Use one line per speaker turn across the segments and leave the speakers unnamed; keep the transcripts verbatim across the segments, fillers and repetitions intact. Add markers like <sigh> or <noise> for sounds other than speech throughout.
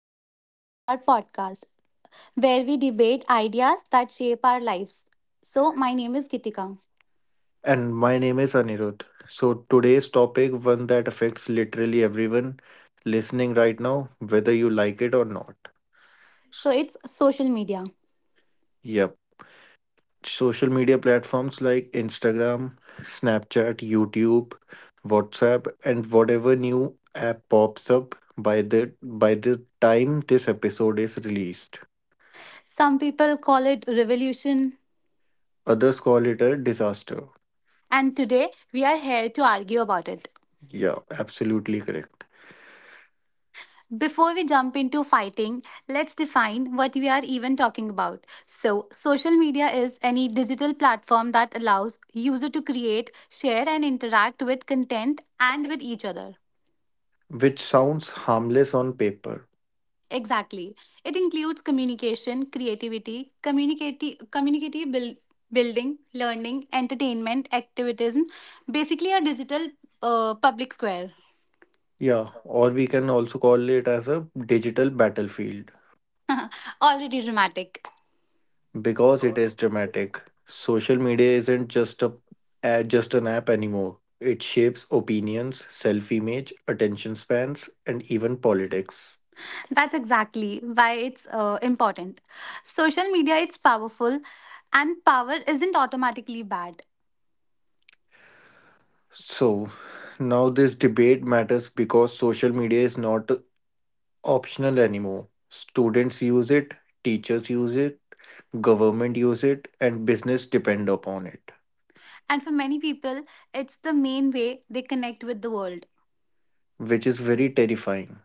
welcome back to our podcast where we debate ideas that shape our lives. So, my name is Kitika.
And my name is Anirudh. So, today's topic, one that affects literally everyone listening right now, whether you like it or not. S-
So, it's social media.
Yep. Social media platforms like Instagram, Snapchat, YouTube, WhatsApp, and whatever new app pops up by the by the time this episode is released.
Some people call it revolution,
Others call it a disaster.
and today we are here to argue about it.
Yeah, absolutely correct.
Before we jump into fighting, let's define what we are even talking about. So, social media is any digital platform that allows user to create, share and interact with content and with each other.
Which sounds harmless on paper.
Exactly. It includes communication, creativity, communicati- community buil- building, learning, entertainment, activism, basically a digital uh, public square.
Yeah, or we can also call it as a digital battlefield
<laughs> Already dramatic.
because it is dramatic. Social media isn't just a uh, just an app anymore. It shapes opinions, self-image, attention spans, and even politics.
That's exactly why it's uh, important. Social media it's powerful and power isn't automatically bad.
So, now this debate matters because social media is not optional anymore. Students use it, teachers use it, government use it, and business depend upon it,
And for many people, it's the main way they connect with the world,
which is very terrifying.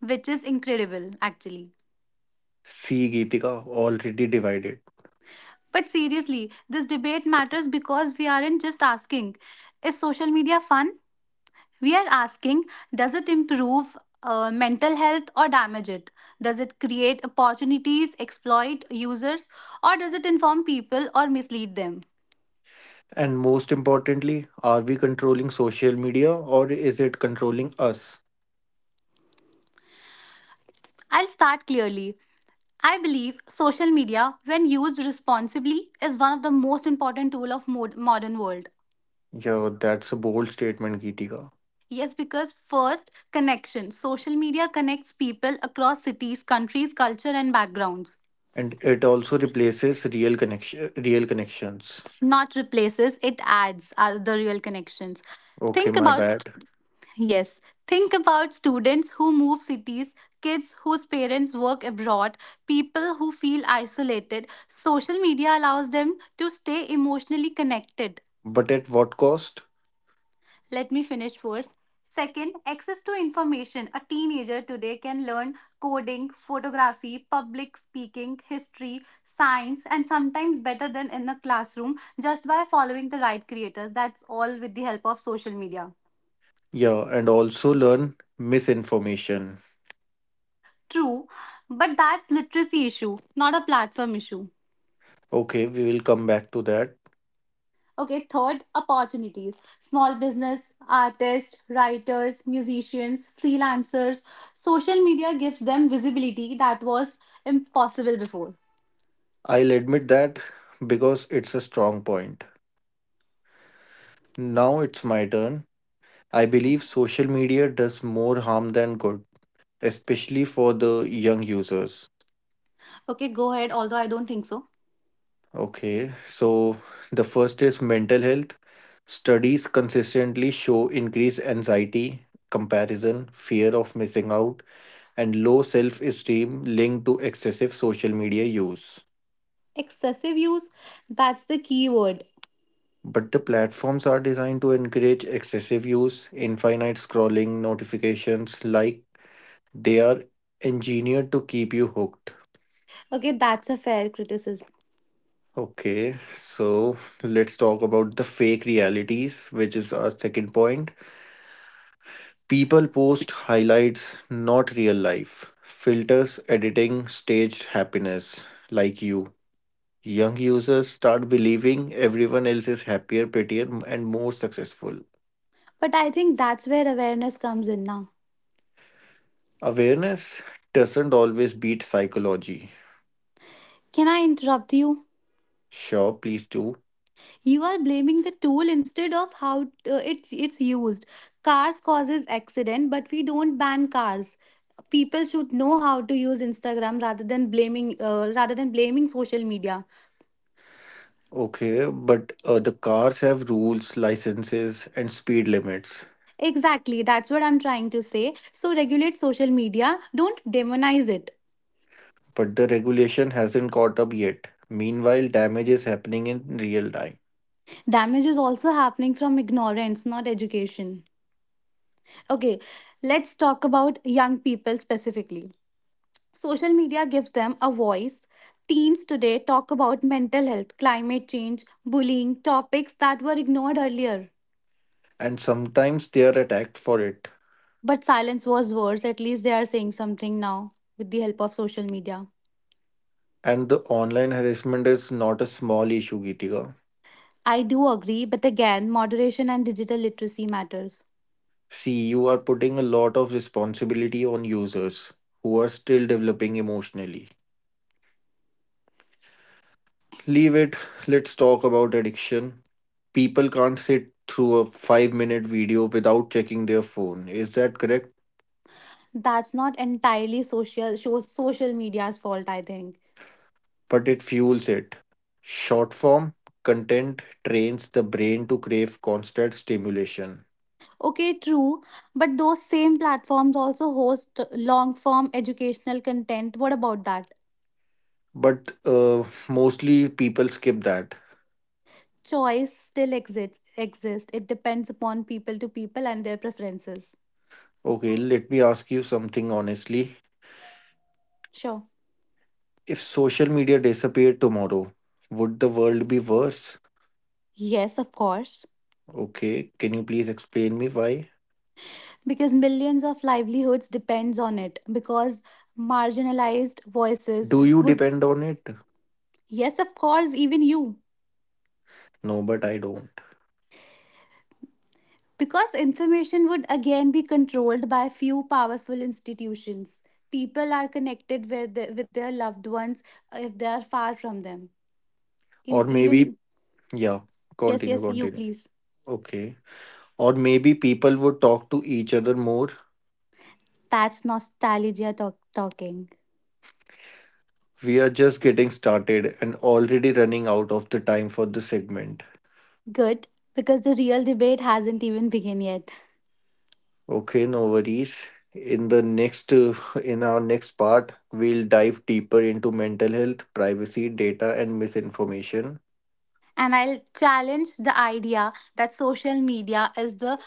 which is incredible actually.
See, Geetika, already divided.
But seriously, this debate matters because we aren't just asking, is social media fun? We are asking, does it improve uh, mental health or damage it? Does it create opportunities, exploit users, or does it inform people or mislead them?
And most importantly, are we controlling social media or is it controlling us?
I'll start clearly. I believe social media, when used responsibly, is one of the most important tool of mod- modern world.
Yeah, that's a bold statement, Geetika.
Yes, because first, connection. Social media connects people across cities, countries, culture, and backgrounds.
And it also replaces real connection real connections.
Not replaces, it adds are the real connections.
Okay,
Think
my
about
bad.
st- yes think about students who move cities, kids whose parents work abroad, people who feel isolated. Social media allows them to stay emotionally connected.
But at what cost?
Let me finish first. Second, access to information. A teenager today can learn coding, photography, public speaking, history, science, and sometimes better than in a classroom just by following the right creators. That's all with the help of social media.
Yeah, and also learn misinformation.
True, but that's literacy issue, not a platform issue.
Okay, we will come back to that.
Okay, third, opportunities. Small business, artists, writers, musicians, freelancers, social media gives them visibility that was impossible before.
I'll admit that because it's a strong point. Now it's my turn. I believe social media does more harm than good, especially for the young users.
Okay, go ahead, although I don't think so.
Okay, so the first is mental health. Studies consistently show increased anxiety, comparison, fear of missing out, and low self esteem linked to excessive social media use.
Excessive use, that's the key word.
But the platforms are designed to encourage excessive use, infinite scrolling, notifications, like they are engineered to keep you hooked.
Okay, that's a fair criticism.
Okay, so let's talk about the fake realities, which is our second point. People post highlights, not real life. Filters, editing, staged happiness, like you. Young users start believing everyone else is happier, prettier, and more successful.
But I think that's where awareness comes in now.
Awareness doesn't always beat psychology.
Can I interrupt you?
Sure, please do.
You are blaming the tool instead of how uh, it, it's used. Cars causes accident, but we don't ban cars. People should know how to use Instagram rather than blaming uh, rather than blaming social media.
Okay, but uh, the cars have rules, licenses, and speed limits.
Exactly, that's what I'm trying to say. So regulate social media, don't demonize it.
But the regulation hasn't caught up yet. Meanwhile, damage is happening in real time,
Damage is also happening from ignorance, not education. Okay, let's talk about young people specifically. Social media gives them a voice. Teens today talk about mental health, climate change, bullying, topics that were ignored earlier.
and sometimes they are attacked for it.
But silence was worse. At least they are saying something now with the help of social media.
And the online harassment is not a small issue, Geetika.
I do agree, but again, moderation and digital literacy matters.
See, you are putting a lot of responsibility on users who are still developing emotionally. Leave it, let's talk about addiction. People can't sit through a five minute video without checking their phone. Is that correct?
That's not entirely social so- social media's fault, I think.
But it fuels it. Short form content trains the brain to crave constant stimulation,
Okay, true, but those same platforms also host long form educational content. What about that?
but uh, mostly people skip that.
Choice still exists exist. It depends upon people to people and their preferences.
Okay, let me ask you something honestly.
Sure.
If social media disappeared tomorrow, would the world be worse?
Yes, of course.
Okay, can you please explain me why?
Because millions of livelihoods depends on it. Because marginalized voices
Do you
would,
depend on it?
yes, of course, even you.
No, but I don't.
Because information would again be controlled by few powerful institutions. People are connected with the, with their loved ones uh, if they are far from them. In
Or maybe,
even
yeah,
yes,
continue,
yes, you
continue.
please.
Okay. Or maybe people would talk to each other more.
That's nostalgia talk, talking.
We are just getting started and already running out of the time for the segment.
Good, because the real debate hasn't even begun yet.
Okay, no worries. In the next, uh, in our next part, we'll dive deeper into mental health, privacy, data, and misinformation.
And I'll challenge the idea that social media is the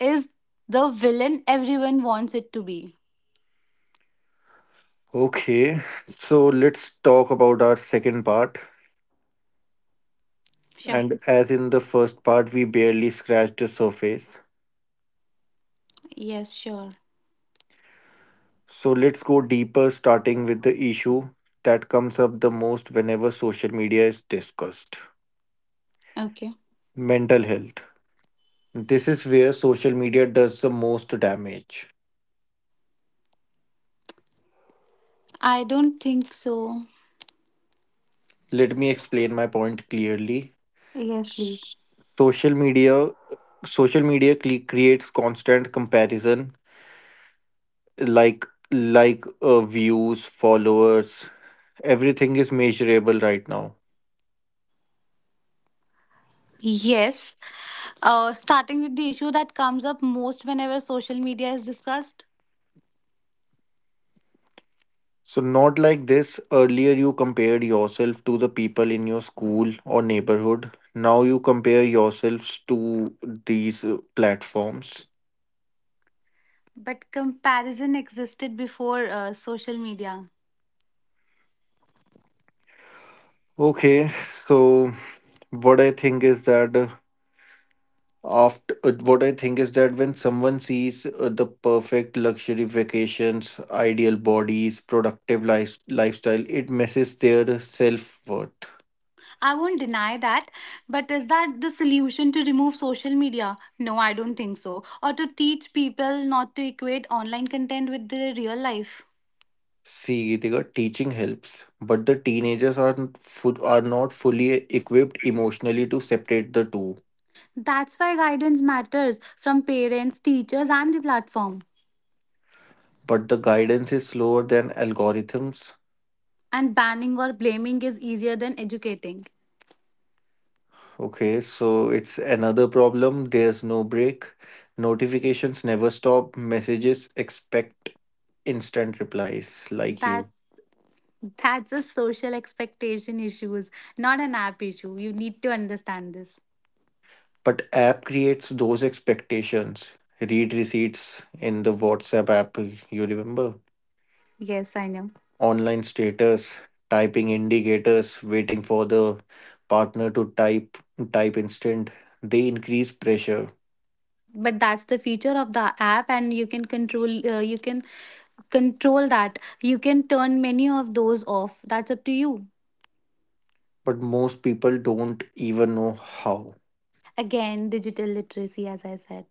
is the villain everyone wants it to be.
Okay, so let's talk about our second part.
Sure.
And as in the first part, we barely scratched the surface.
Yes, sure.
So let's go deeper, starting with the issue that comes up the most whenever social media is discussed,
Okay.
mental health. This is where social media does the most damage.
I don't think so.
Let me explain my point clearly.
Yes, please.
S- Social media social media cle- creates constant comparison, like like uh, views, followers, everything is measurable right now.
Yes. Uh, starting with the issue that comes up most whenever social media is discussed.
So not like this. Earlier you compared yourself to the people in your school or neighborhood. Now you compare yourselves to these uh, platforms.
But comparison existed before uh, social media.
Okay, so what i think is that uh, after uh, what I think is that when someone sees uh, the perfect luxury vacations, ideal bodies, productive life, lifestyle, it messes their self-worth.
I won't deny that, but is that the solution to remove social media? No, I don't think so. Or to teach people not to equate online content with their real life.
See, Geetika, teaching helps, but the teenagers are fu- are not fully equipped emotionally to separate the two.
That's why guidance matters from parents, teachers, and the platform.
But the guidance is slower than algorithms.
And banning or blaming is easier than educating.
Okay, so it's another problem, there's no break. Notifications never stop, messages expect instant replies, like you.
That's that's a social expectation issues, not an app issue. You need to understand this.
But app creates those expectations. Read receipts in the WhatsApp app, you remember?
Yes, I know.
Online status, typing indicators, waiting for the partner to type type instant. They increase pressure,
But that's the feature of the app and you can control uh, you can control that. You can turn many of those off, that's up to you.
but most people don't even know how.
Again, digital literacy as I said.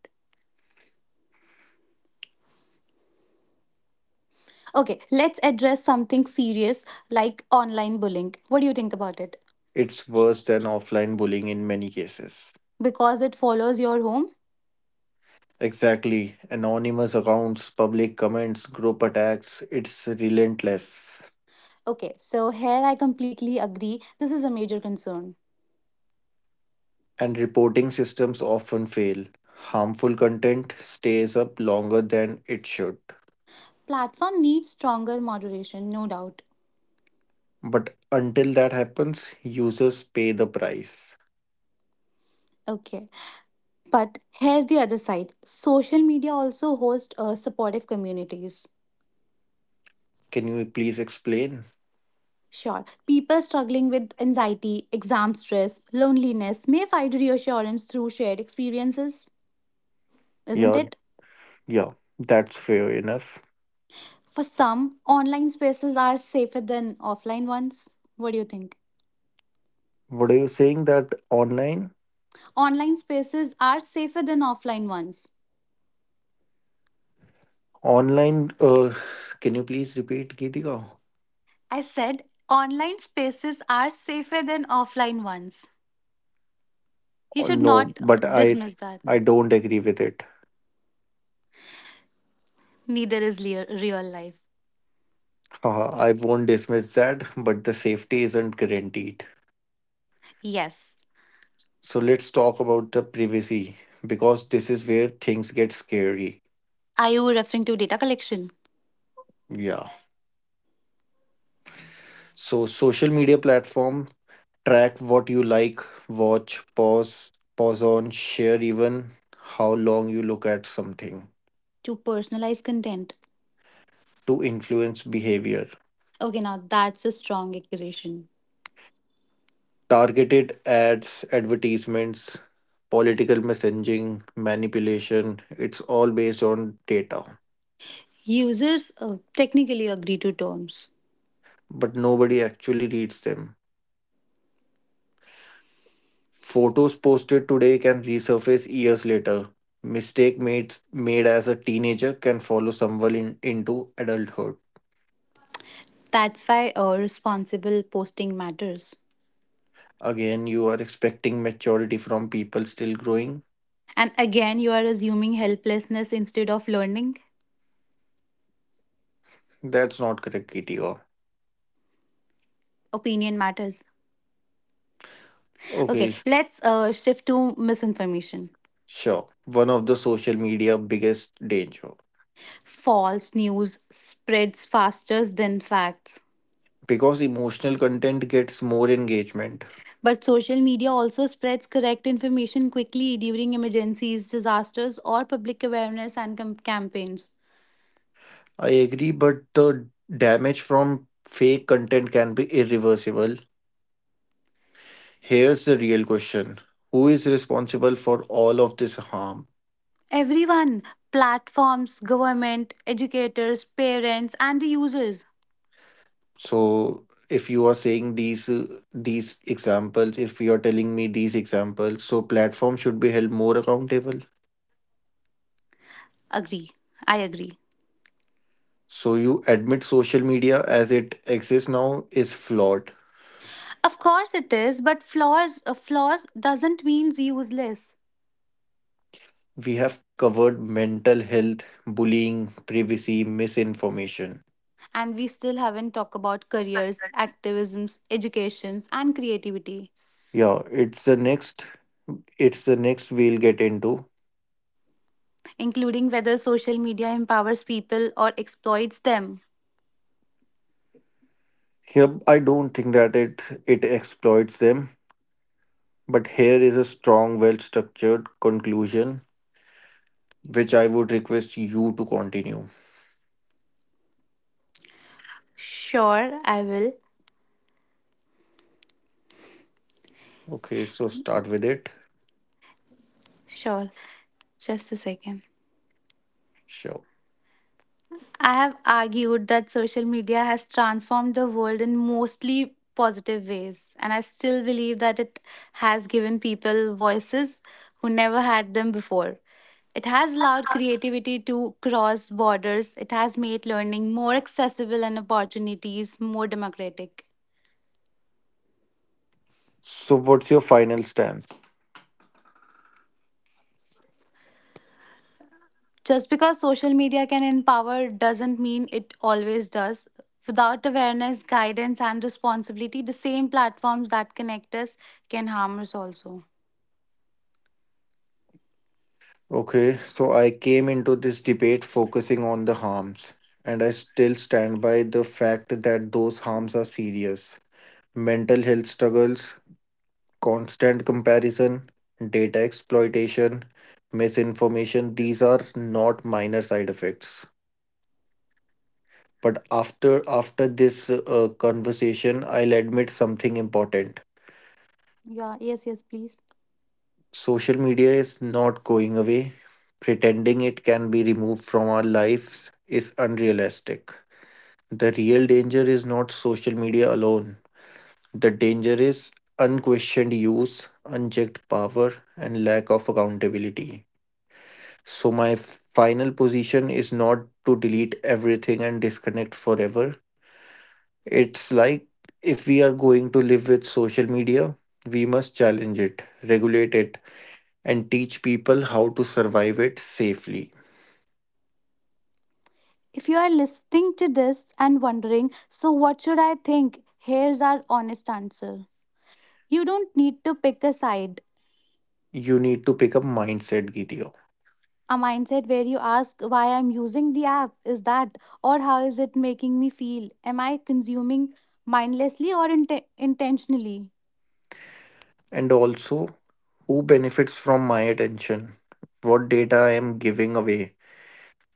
Okay, let's address something serious, like online bullying. What do you think about it?
It's worse than offline bullying in many cases.
Because it follows your home.
Exactly. Anonymous accounts, public comments, group attacks, it's relentless.
Okay, so here I completely agree, this is a major concern.
And reporting systems often fail. Harmful content stays up longer than it should.
Platform needs stronger moderation, no doubt.
But until that happens, users pay the price.
Okay, but here's the other side, social media also hosts uh, supportive communities.
Can you please explain?
Sure. People struggling with anxiety, exam stress, loneliness may find reassurance through shared experiences, isn't
Yeah,
it?
yeah, that's fair enough.
For some, online spaces are safer than offline ones. What do you think?
What are you saying that online?
Online spaces are safer than offline ones.
Online, uh, can you please repeat, Geetika?
I said online spaces are safer than offline ones. You
Oh,
should
no,
not uh,
but I
dismiss that.
I don't agree with it.
Neither is lea- real life.
<laughs> Haha, I won't dismiss that, but the safety isn't guaranteed.
Yes.
So let's talk about the privacy because this is where things get scary.
Are you referring to data collection?
Yeah. So social media platform track what you like, watch, pause, pause on, share, even how long you look at something
To personalize content?
to influence behavior.
Okay, now that's a strong accusation.
Targeted ads, advertisements, political messaging, manipulation, it's all based on data,
Users uh, technically agree to terms.
but nobody actually reads them. Photos posted today can resurface years later. Mistake made made as a teenager can follow someone in, into adulthood.
That's why uh, responsible posting matters.
Again, you are expecting maturity from people still growing.
And again, you are assuming helplessness instead of learning.
That's not correct, Kitio.
Opinion matters. Okay,
Okay,
let's uh, shift to misinformation.
sure. One of the social media biggest danger
False news spreads faster than facts.
because emotional content gets more engagement.
But social media also spreads correct information quickly during emergencies, disasters, or public awareness and cam- campaigns.
I agree, but the damage from fake content can be irreversible. Here's the real question. Who is responsible for all of this harm?
Everyone, platforms, government, educators, parents, and the users
So if you are saying these uh, these examples, if you are telling me these examples, so platform should be held more accountable.
agree. I agree.
So you admit social media as it exists now is flawed.
Of course it is, but flaws uh, flaws doesn't mean useless.
We have covered mental health, bullying, privacy, misinformation.
And we still haven't talked about careers, activisms, educations, and creativity,
Yeah, it's the next it's the next we'll get into.
including whether social media empowers people or exploits them.
Here I don't think that it it exploits them. But here is a strong, well structured conclusion, which I would request you to continue.
Sure, I will.
Okay, so start with it.
Sure. Just a second.
Sure.
I have argued that social media has transformed the world in mostly positive ways, and I still believe that it has given people voices who never had them before. It has allowed creativity to cross borders, it has made learning more accessible and opportunities more democratic.
So, what's your final stance?
Just because social media can empower doesn't mean it always does. Without awareness, guidance, and responsibility, the same platforms that connect us can harm us also.
Okay, so I came into this debate focusing on the harms, and I still stand by the fact that those harms are serious. Mental health struggles, constant comparison, data exploitation, misinformation, these are not minor side effects. But after after this uh, conversation, I'll admit something important.
Yeah, yes, yes, please.
Social media is not going away. Pretending it can be removed from our lives is unrealistic. The real danger is not social media alone. The danger is unquestioned use, unchecked power, and lack of accountability. So my f- final position is not to delete everything and disconnect forever. It's like, if we are going to live with social media, we must challenge it, regulate it, and teach people how to survive it safely.
If you are listening to this and wondering, so what should I think? Here's our honest answer. You don't need to pick a side.
You need to pick a mindset, Gideo.
A mindset where you ask why I'm using the app is that, or how is it making me feel? Am I consuming mindlessly or inte- intentionally?
And also, who benefits from my attention? What data I am giving away?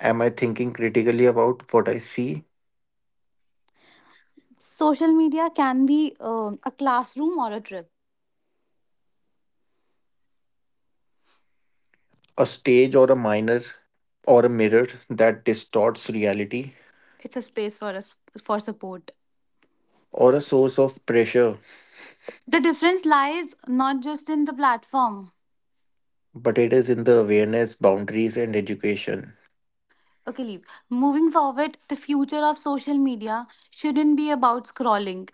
Am I thinking critically about what I see?
Social media can be uh, a classroom or a trip.
A stage or a minor or a mirror that distorts reality?
It's a space for us for support.
Or a source of pressure,
The difference lies not just in the platform.
but it is in the awareness, boundaries, and education.
Okay, leave. Moving forward, the future of social media shouldn't be about scrolling.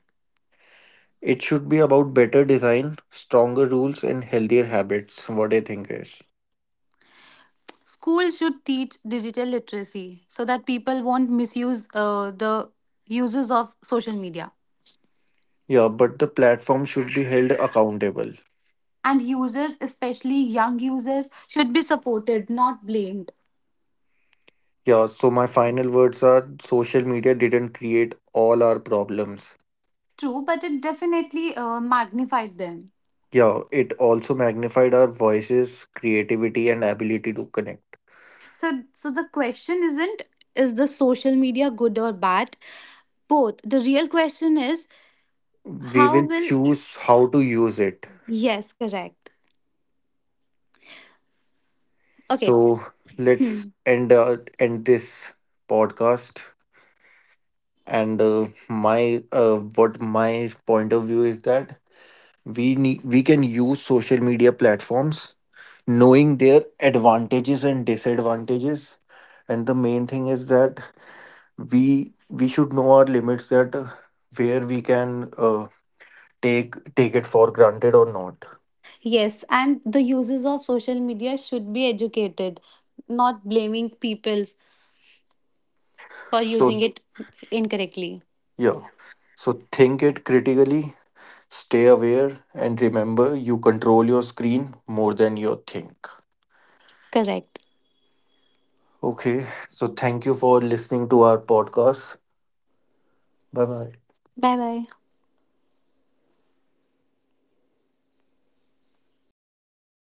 It should be about better design, stronger rules, and healthier habits. What I think is.
Schools should teach digital literacy so that people won't misuse uh, the uses of social media.
Yeah, but the platform should be held accountable.
And users, especially young users, should be supported, not blamed.
Yeah, so my final words are, social media didn't create all our problems.
True, but it definitely uh, magnified them.
Yeah, it also magnified our voices, creativity, and ability to connect.
So, so the question isn't is the social media good or bad? Both. The real question is
We
how
will
will,
choose how to use it.
yes, correct. Okay.
So
Hmm.
let's end uh, end this podcast. And uh, my uh, what my point of view is that we need we can use social media platforms knowing their advantages and disadvantages, and the main thing is that we we should know our limits, that uh, where we can uh, take take it for granted or not.
Yes, and the users of social media should be educated, not blaming peoples for using
So,
it incorrectly.
yeah, so think it critically, stay aware, and remember, you control your screen more than you think.
Correct.
Okay, so thank you for listening to our podcast. Bye bye.
Bye bye.